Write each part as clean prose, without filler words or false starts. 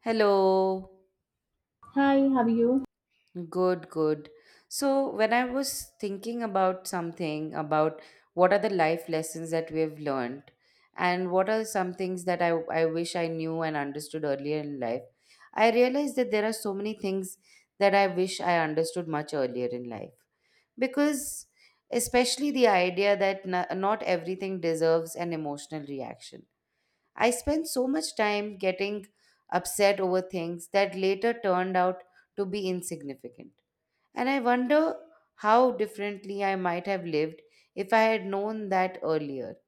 Hello. Hi, how are you? Good, good. So when I was thinking about something about what are the life lessons that we have learned and what are some things that I wish I knew and understood earlier in life, I realized that there are so many things that I wish I understood much earlier in life. Because, especially the idea that not everything deserves an emotional reaction, I spent so much time getting upset over things that later turned out to be insignificant. And I wonder how differently I might have lived if I had known that earlier.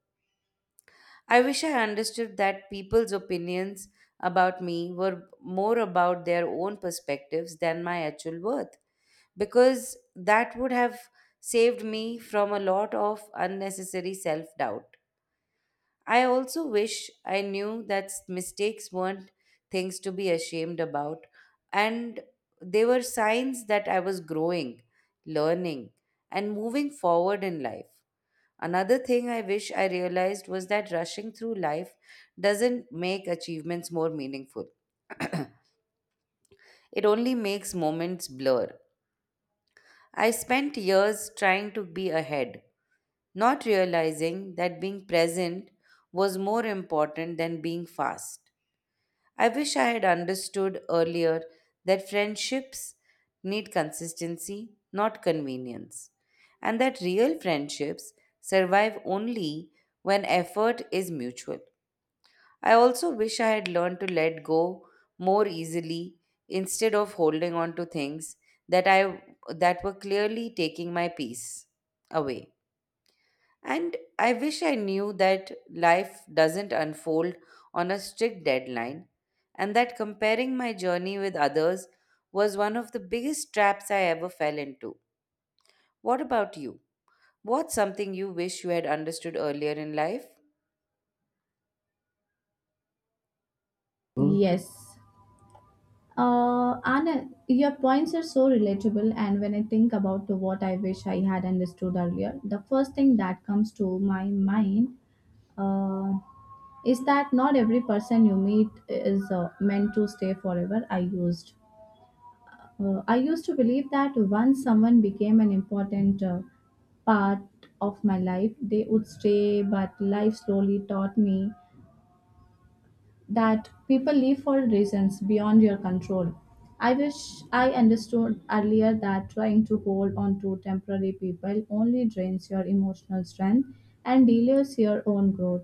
I wish I understood that people's opinions about me were more about their own perspectives than my actual worth, because that would have saved me from a lot of unnecessary self doubt. I also wish I knew that mistakes weren't things to be ashamed about, and they were signs that I was growing, learning, and moving forward in life. Another thing I wish I realized was that rushing through life doesn't make achievements more meaningful, it only makes moments blur. I spent years trying to be ahead, not realizing that being present was more important than being fast. I wish I had understood earlier that friendships need consistency, not convenience, and that real friendships survive only when effort is mutual. I also wish I had learned to let go more easily instead of holding on to things that I that were clearly taking my peace away. And I wish I knew that life doesn't unfold on a strict deadline, and that comparing my journey with others was one of the biggest traps I ever fell into. What about you? What's something you wish you had understood earlier in life? Hmm? Yes. Anna, your points are so relatable, and when I think about what I wish I had understood earlier, the first thing that comes to my mind uh, is that not every person you meet is meant to stay forever. I used to believe that once someone became an important part of my life, they would stay, but life slowly taught me that people leave for reasons beyond your control. I wish I understood earlier that trying to hold on to temporary people only drains your emotional strength and delays your own growth.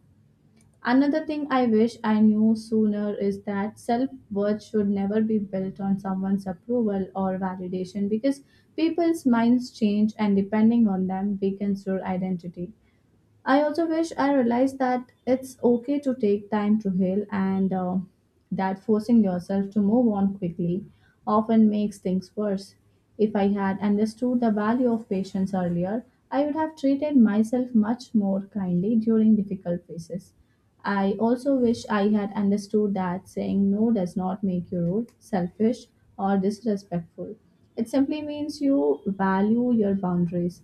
Another thing I wish I knew sooner is that self worth should never be built on someone's approval or validation because people's minds change and depending on them weakens your identity. I also wish I realized that it's okay to take time to heal and that forcing yourself to move on quickly often makes things worse. If I had understood the value of patience earlier, I would have treated myself much more kindly during difficult phases. I also wish I had understood that saying no does not make you rude, selfish, or disrespectful. It simply means you value your boundaries.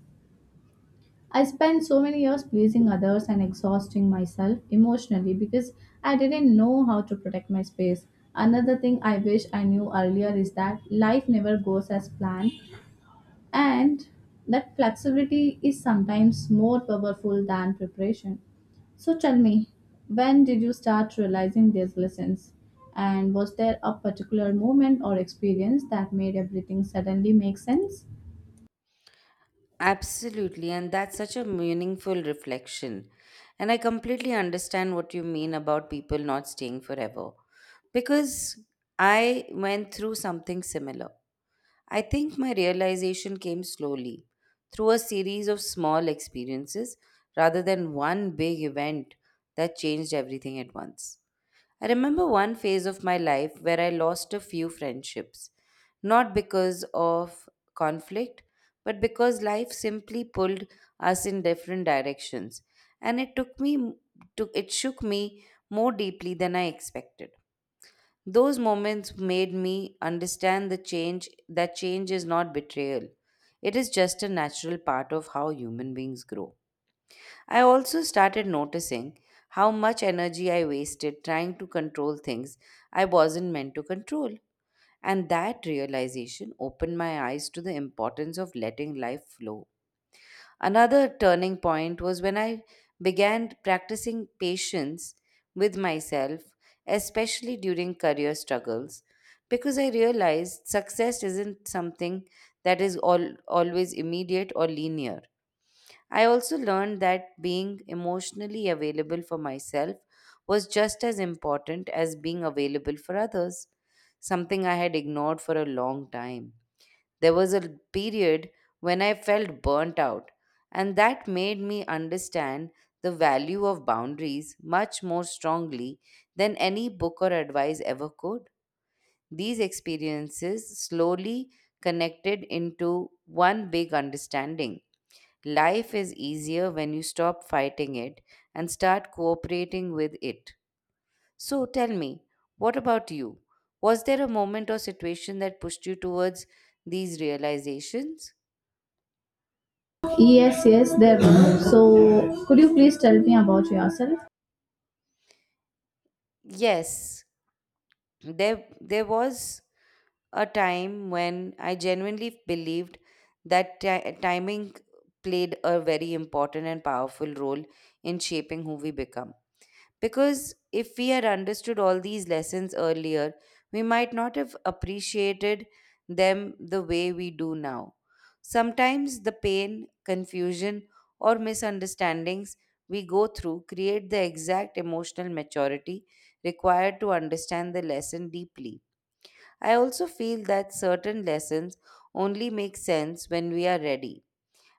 I spent so many years pleasing others and exhausting myself emotionally because I didn't know how to protect my space. Another thing I wish I knew earlier is that life never goes as planned and that flexibility is sometimes more powerful than preparation. So tell me, when did you start realizing these lessons? And was there a particular moment or experience that made everything suddenly make sense? Absolutely, and that's such a meaningful reflection. And I completely understand what you mean about people not staying forever, because I went through something similar. I think my realization came slowly through a series of small experiences rather than one big event that changed everything at once. I remember one phase of my life where I lost a few friendships, not because of conflict, but because life simply pulled us in different directions, and it took me took it shook me more deeply than I expected. Those moments made me understand the change that change is not betrayal. It is just a natural part of how human beings grow. I also started noticing how much energy I wasted trying to control things I wasn't meant to control. And that realization opened my eyes to the importance of letting life flow. Another turning point was when I began practicing patience with myself, especially during career struggles, because I realized success isn't something that is always immediate or linear. I also learned that being emotionally available for myself was just as important as being available for others, something I had ignored for a long time. There was a period when I felt burnt out, and that made me understand the value of boundaries much more strongly than any book or advice ever could. These experiences slowly connected into one big understanding. Life is easier when you stop fighting it and start cooperating with it. So tell me, what about you? Was there a moment or situation that pushed you towards these realizations? Yes, yes, there were. So, could you please tell me about yourself? Yes, there was a time when I genuinely believed that timing played a very important and powerful role in shaping who we become. Because if we had understood all these lessons earlier, we might not have appreciated them the way we do now. Sometimes the pain, confusion, or misunderstandings we go through create the exact emotional maturity required to understand the lesson deeply. I also feel that certain lessons only make sense when we are ready,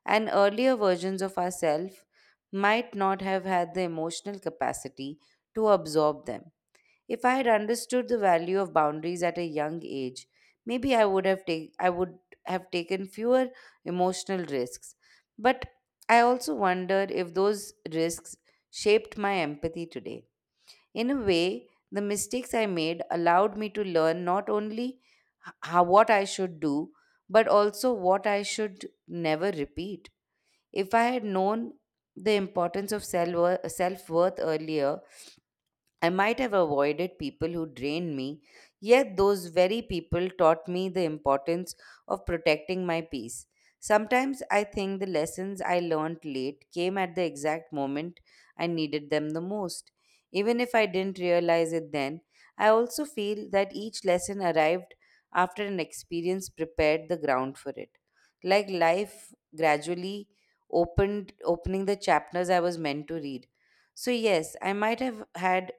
and earlier versions of ourselves might not have had the emotional capacity to absorb them. If I had understood the value of boundaries at a young age, maybe I would have taken fewer emotional risks. But I also wonder if those risks shaped my empathy today. In a way, the mistakes I made allowed me to learn not only how what I should do, but also what I should never repeat. If I had known the importance of self worth earlier, I might have avoided people who drained me, yet those very people taught me the importance of protecting my peace. Sometimes I think the lessons I learned late came at the exact moment I needed them the most, even if I didn't realize it then. I also feel that each lesson arrived after an experience prepared the ground for it, like life gradually opened opening the chapters I was meant to read. So yes, I might have had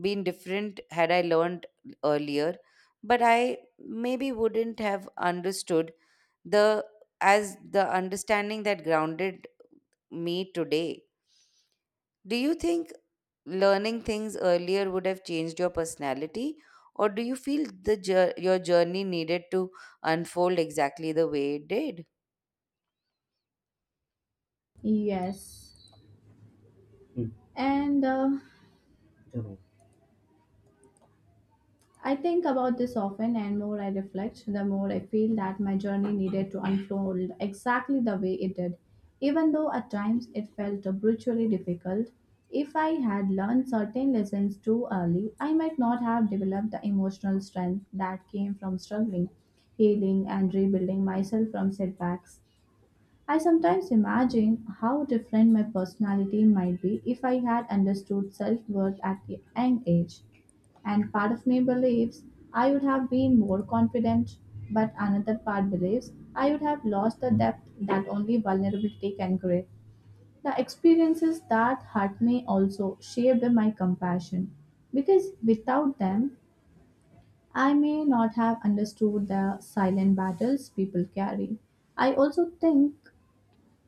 been different had I learned earlier, but I maybe wouldn't have understood the as the understanding that grounded me today. Do you think learning things earlier would have changed your personality, or do you feel the your journey needed to unfold exactly the way it did? Yes. And I think about this often, and more I reflect, the more I feel that my journey needed to unfold exactly the way it did. Even though at times it felt brutally difficult, if I had learned certain lessons too early, I might not have developed the emotional strength that came from struggling, healing, and rebuilding myself from setbacks. I sometimes imagine how different my personality might be if I had understood self worth at a young age. And part of me believes I would have been more confident, but another part believes I would have lost the depth that only vulnerability can create. The experiences that hurt me also shaped my compassion, because without them, I may not have understood the silent battles people carry. I also think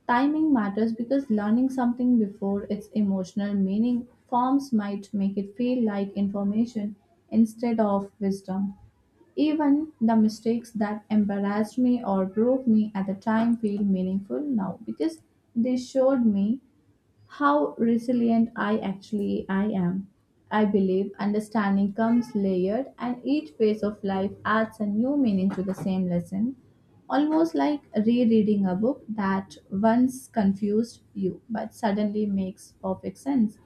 timing matters because learning something before its emotional meaning forms might make it feel like information instead of wisdom. Even the mistakes that embarrassed me or broke me at the time feel meaningful now because they showed me how resilient I actually I am. I believe understanding comes layered and each phase of life adds a new meaning to the same lesson, almost like rereading a book that once confused you but suddenly makes perfect sense.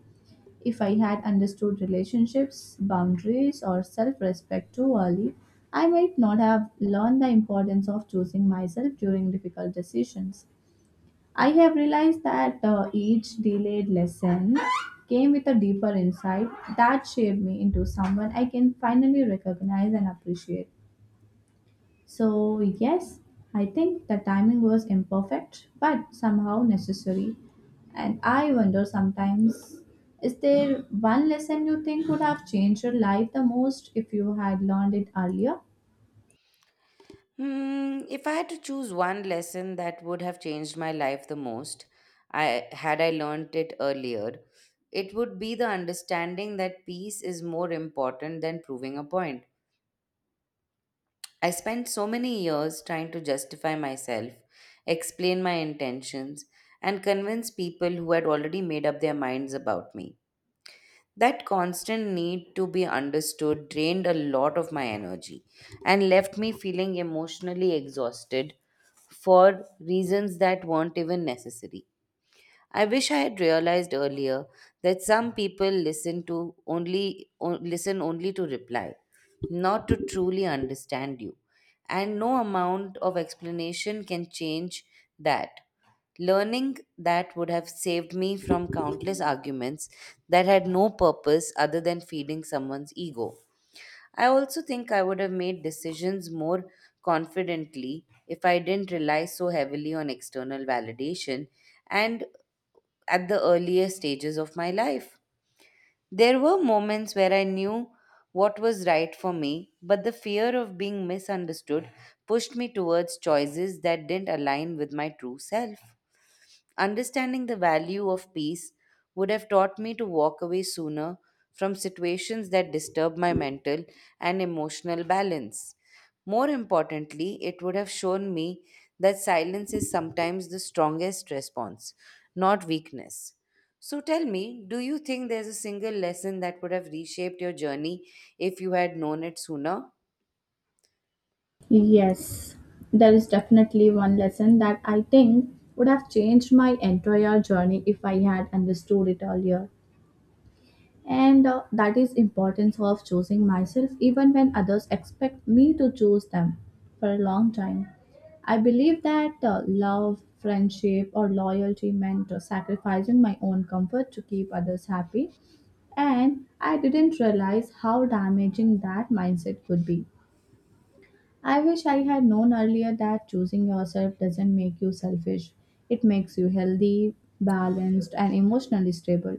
If I had understood relationships, boundaries, or self respect too early, I might not have learned the importance of choosing myself during difficult decisions. I have realized that each delayed lesson came with a deeper insight that shaped me into someone I can finally recognize and appreciate. So, yes, I think the timing was imperfect but somehow necessary. And I wonder sometimes, is there one lesson you think would have changed your life the most if you had learned it earlier? Hmm, if I had to choose one lesson that would have changed my life the most, I had I learned it earlier, it would be the understanding that peace is more important than proving a point. I spent so many years trying to justify myself, explain my intentions, and convince people who had already made up their minds about me. That constant need to be understood drained a lot of my energy and left me feeling emotionally exhausted for reasons that weren't even necessary. I wish I had realized earlier that some people listen only to reply, not to truly understand you. And no amount of explanation can change that. Learning that would have saved me from countless arguments that had no purpose other than feeding someone's ego. I also think I would have made decisions more confidently if I didn't rely so heavily on external validation and at the earlier stages of my life. There were moments where I knew what was right for me, but the fear of being misunderstood pushed me towards choices that didn't align with my true self. Understanding the value of peace would have taught me to walk away sooner from situations that disturb my mental and emotional balance. More importantly, it would have shown me that silence is sometimes the strongest response, not weakness. So tell me, do you think there's a single lesson that would have reshaped your journey if you had known it sooner? Yes, there is definitely one lesson that I think would have changed my entire journey if I had understood it earlier. And that is importance of choosing myself even when others expect me to choose them for a long time. I believe that love, friendship, or loyalty meant sacrificing my own comfort to keep others happy, and I didn't realize how damaging that mindset could be. I wish I had known earlier that choosing yourself doesn't make you selfish. It makes you healthy, balanced, and emotionally stable.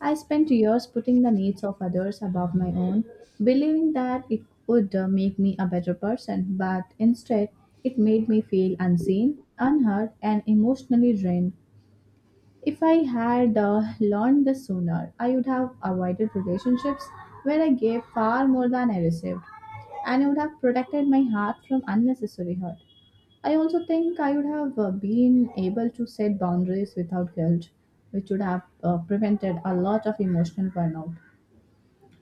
I spent years putting the needs of others above my own, believing that it would make me a better person, but instead, it made me feel unseen, unheard, and emotionally drained. If I had learned this sooner, I would have avoided relationships where I gave far more than I received and I would have protected my heart from unnecessary hurt. I also think I would have been able to set boundaries without guilt, which would have prevented a lot of emotional burnout.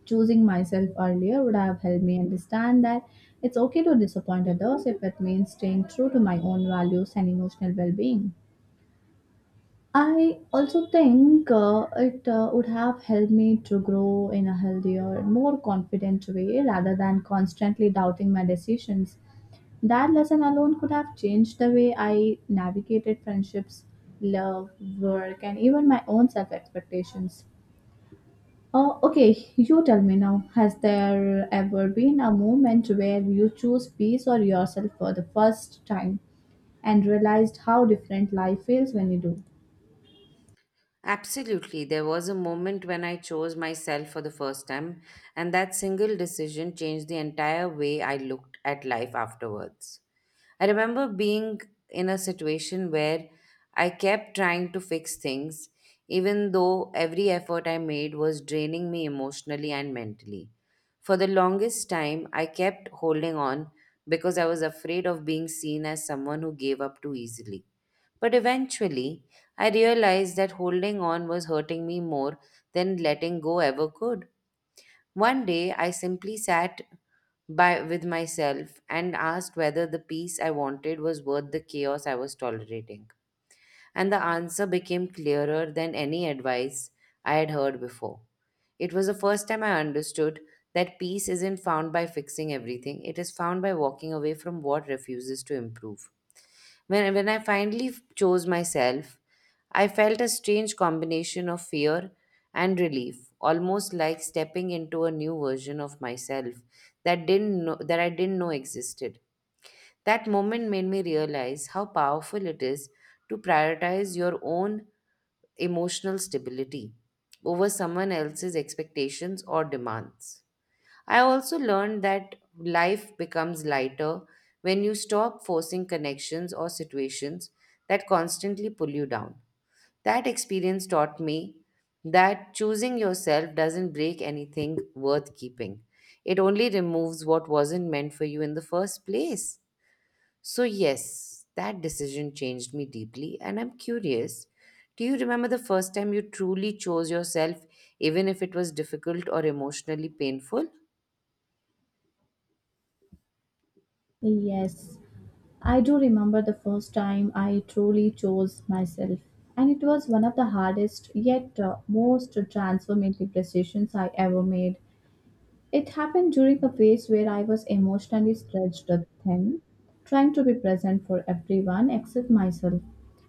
Choosing myself earlier would have helped me understand that it's okay to disappoint others if it means staying true to my own values and emotional well being. I also think it would have helped me to grow in a healthier, more confident way rather than constantly doubting my decisions. That lesson alone could have changed the way I navigated friendships, love, work, and even my own self expectations. Oh, okay, you tell me now. Has there ever been a moment where you chose peace or yourself for the first time and realized how different life feels when you do? Absolutely. There was a moment when I chose myself for the first time, and that single decision changed the entire way I looked at life afterwards. I remember being in a situation where I kept trying to fix things, even though every effort I made was draining me emotionally and mentally. For the longest time, I kept holding on because I was afraid of being seen as someone who gave up too easily. But eventually, I realized that holding on was hurting me more than letting go ever could. One day, I simply sat by with myself and asked whether the peace I wanted was worth the chaos I was tolerating. And the answer became clearer than any advice I had heard before. It was the first time I understood that peace isn't found by fixing everything, it is found by walking away from what refuses to improve. When I finally chose myself, I felt a strange combination of fear and relief, almost like stepping into a new version of myself that didn't know, that I didn't know existed. That moment made me realize how powerful it is to prioritize your own emotional stability over someone else's expectations or demands. I also learned that life becomes lighter when you stop forcing connections or situations that constantly pull you down. That experience taught me that choosing yourself doesn't break anything worth keeping, it only removes what wasn't meant for you in the first place. So, yes, that decision changed me deeply, and I'm curious. Do you remember the first time you truly chose yourself, even if it was difficult or emotionally painful? Yes, I do remember the first time I truly chose myself, and it was one of the hardest yet most transformative decisions I ever made. It happened during a phase where I was emotionally stretched thin, trying to be present for everyone except myself.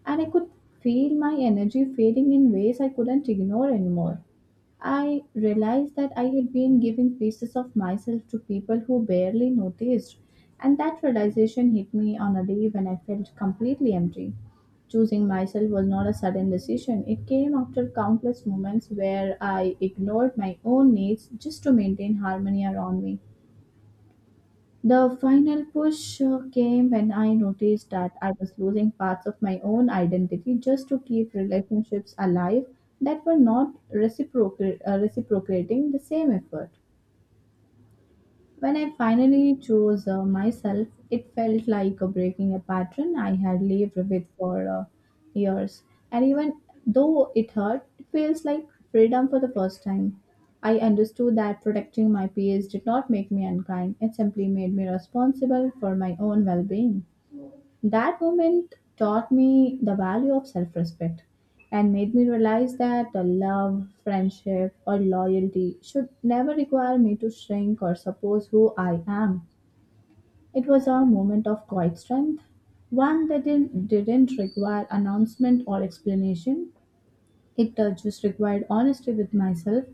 And I could feel my energy fading in ways I couldn't ignore anymore. I realized that I had been giving pieces of myself to people who barely noticed, and that realization hit me on a day when I felt completely empty. Choosing myself was not a sudden decision. It came after countless moments where I ignored my own needs just to maintain harmony around me. The final push came when I noticed that I was losing parts of my own identity just to keep relationships alive that were not reciprocating the same effort. When I finally chose myself, it felt like breaking a pattern I had lived with for years. And even though it hurt, it feels like freedom for the first time. I understood that protecting my peace did not make me unkind, it simply made me responsible for my own well being. That moment taught me the value of self respect and made me realize that the love, friendship, or loyalty should never require me to shrink or suppose who I am. It was a moment of quiet strength, one that didn't require announcement or explanation. It just required honesty with myself.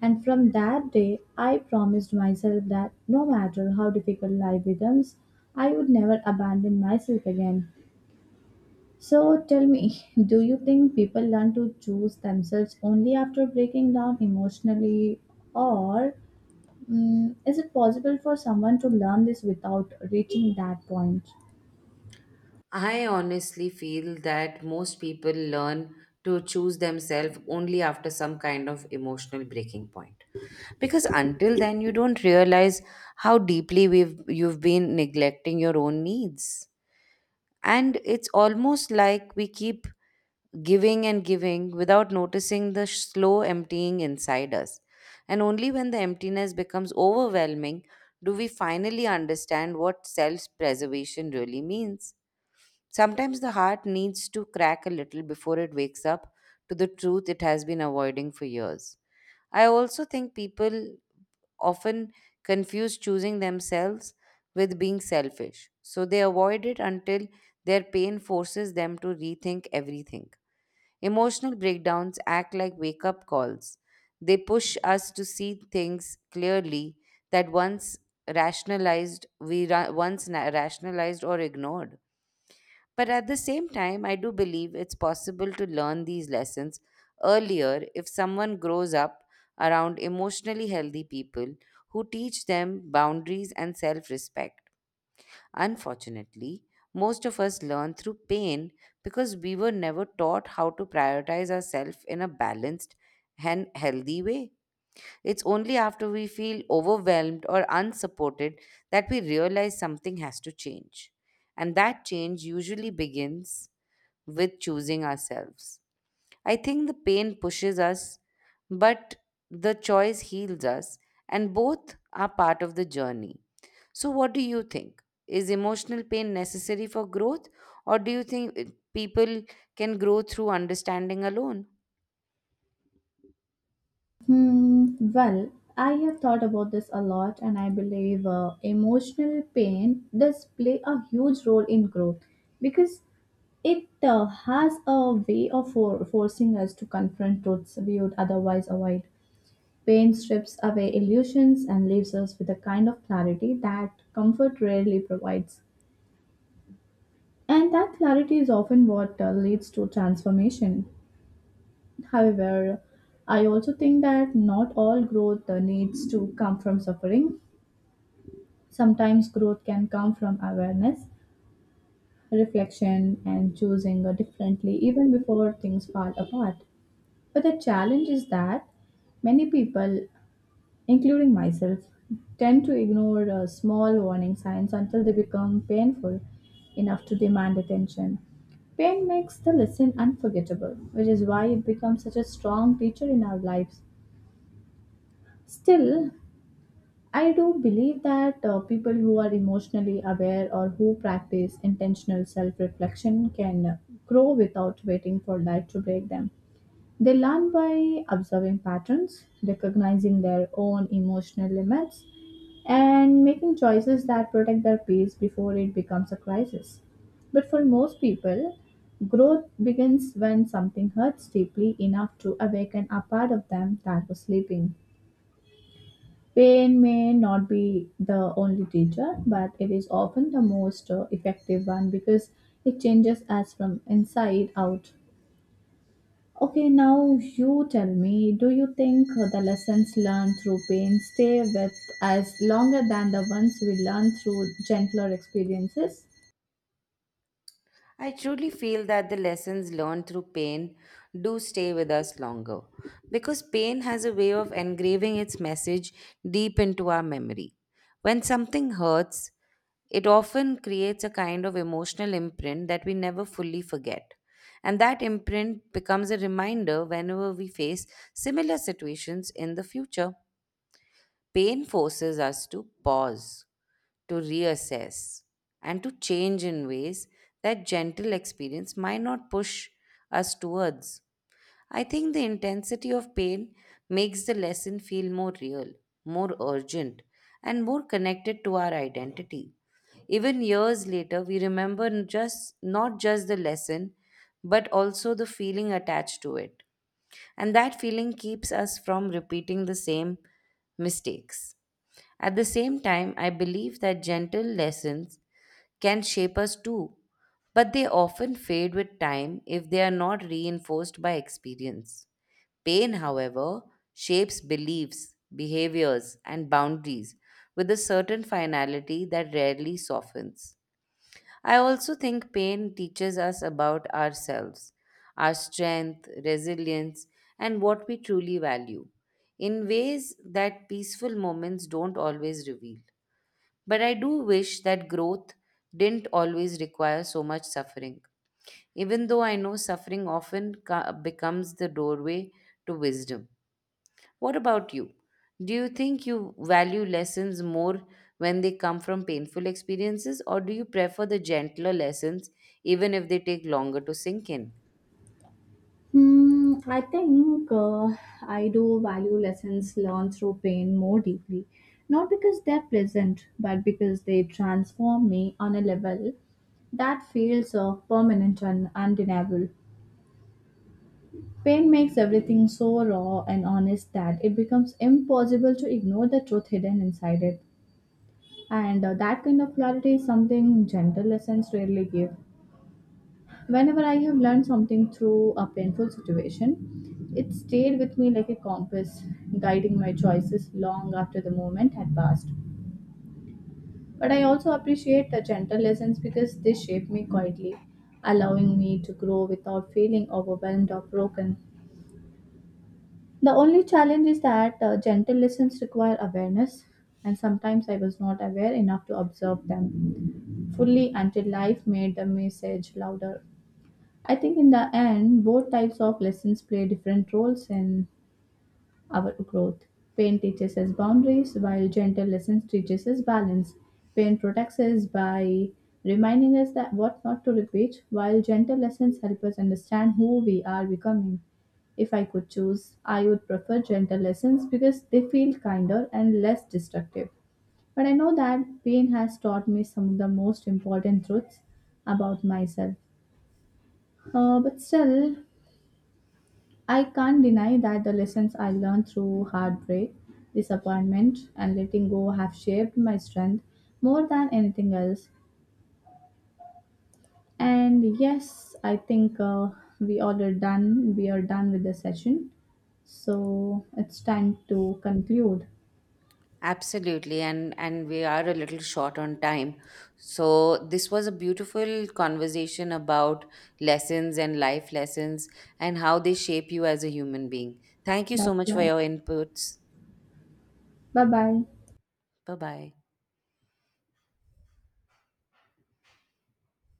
And from that day, I promised myself that no matter how difficult life becomes, I would never abandon myself again. So tell me, do you think people learn to choose themselves only after breaking down emotionally, or is it possible for someone to learn this without reaching that point? I honestly feel that most people learn to choose themselves only after some kind of emotional breaking point. Because until then, you don't realize how deeply you've been neglecting your own needs. And it's almost like we keep giving and giving without noticing the slow emptying inside us. And only when the emptiness becomes overwhelming do we finally understand what self preservation really means. Sometimes the heart needs to crack a little before it wakes up to the truth it has been avoiding for years. I also think people often confuse choosing themselves with being selfish, so they avoid it until their pain forces them to rethink everything. Emotional breakdowns act like wake up calls. They push us to see things clearly that once rationalized we ra- once na- rationalized or ignored. But at the same time, I do believe it's possible to learn these lessons earlier if someone grows up around emotionally healthy people who teach them boundaries and self respect. Unfortunately, most of us learn through pain because we were never taught how to prioritize ourselves in a balanced and healthy way. It's only after we feel overwhelmed or unsupported that we realize something has to change. And that change usually begins with choosing ourselves. I think the pain pushes us, but the choice heals us, and both are part of the journey. So, what do you think? Is emotional pain necessary for growth, or do you think people can grow through understanding alone? Well, I have thought about this a lot, and I believe emotional pain does play a huge role in growth because it has a way of forcing us to confront truths we would otherwise avoid. Pain strips away illusions and leaves us with a kind of clarity that comfort rarely provides. And that clarity is often what leads to transformation. However, I also think that not all growth needs to come from suffering. Sometimes growth can come from awareness, reflection, and choosing differently even before things fall apart. But the challenge is that many people including myself, tend to ignore small warning signs until they become painful enough to demand attention. Pain makes the lesson unforgettable, which is why it becomes such a strong teacher in our lives. Still, I do believe that people who are emotionally aware or who practice intentional self reflection can grow without waiting for life to break them. They learn by observing patterns, recognizing their own emotional limits, and making choices that protect their peace before it becomes a crisis. But for most people, growth begins when something hurts deeply enough to awaken a part of them that was sleeping. Pain may not be the only teacher, but it is often the most effective one because it changes us from inside out. Okay, now you tell me, do you think the lessons learned through pain stay with us longer than the ones we learn through gentler experiences? I truly feel that the lessons learned through pain do stay with us longer because pain has a way of engraving its message deep into our memory. When something hurts, it often creates a kind of emotional imprint that we never fully forget. And that imprint becomes a reminder whenever we face similar situations in the future. Pain forces us to pause, to reassess, and to change in ways that gentle experience might not push us towards. I think the intensity of pain makes the lesson feel more real, more urgent, and more connected to our identity. Even years later, we remember n- just not just the lesson, but also the feeling attached to it. And that feeling keeps us from repeating the same mistakes. At the same time, I believe that gentle lessons can shape us too, but they often fade with time if they are not reinforced by experience. Pain, however, shapes beliefs, behaviors, and boundaries with a certain finality that rarely softens. I also think pain teaches us about ourselves, our strength, resilience, and what we truly value in ways that peaceful moments don't always reveal. But I do wish that growth didn't always require so much suffering, even though I know suffering often becomes the doorway to wisdom. What about you? Do you think you value lessons more when they come from painful experiences, or do you prefer the gentler lessons even if they take longer to sink in? I think I do value lessons learned through pain more deeply, not because they're pleasant, but because they transform me on a level that feels permanent and undeniable. Pain makes everything so raw and honest that it becomes impossible to ignore the truth hidden inside it. And that kind of clarity is something gentle lessons rarely give. Whenever I have learned something through a painful situation, it stayed with me like a compass, guiding my choices long after the moment had passed. But I also appreciate the gentle lessons because they shape me quietly, allowing me to grow without feeling overwhelmed or broken. The only challenge is that gentle lessons require awareness, and sometimes I was not aware enough to observe them fully until life made the message louder. I think in the end, both types of lessons play different roles in our growth. Pain teaches us boundaries, while gentle lessons teaches us balance. Pain protects us by reminding us that what not to repeat, while gentle lessons help us understand who we are becoming. If I could choose, I would prefer gentle lessons because they feel kinder and less destructive. But I know that pain has taught me some of the most important truths about myself. But still, I can't deny that the lessons I learned through heartbreak, disappointment, and letting go have shaped my strength more than anything else. And yes, I think we all are done. We are done with the session. So it's time to conclude. Absolutely, and we are a little short on time. So this was a beautiful conversation about lessons and life lessons and how they shape you as a human being. Thank you That's so much for right. your inputs. Bye bye. Bye bye.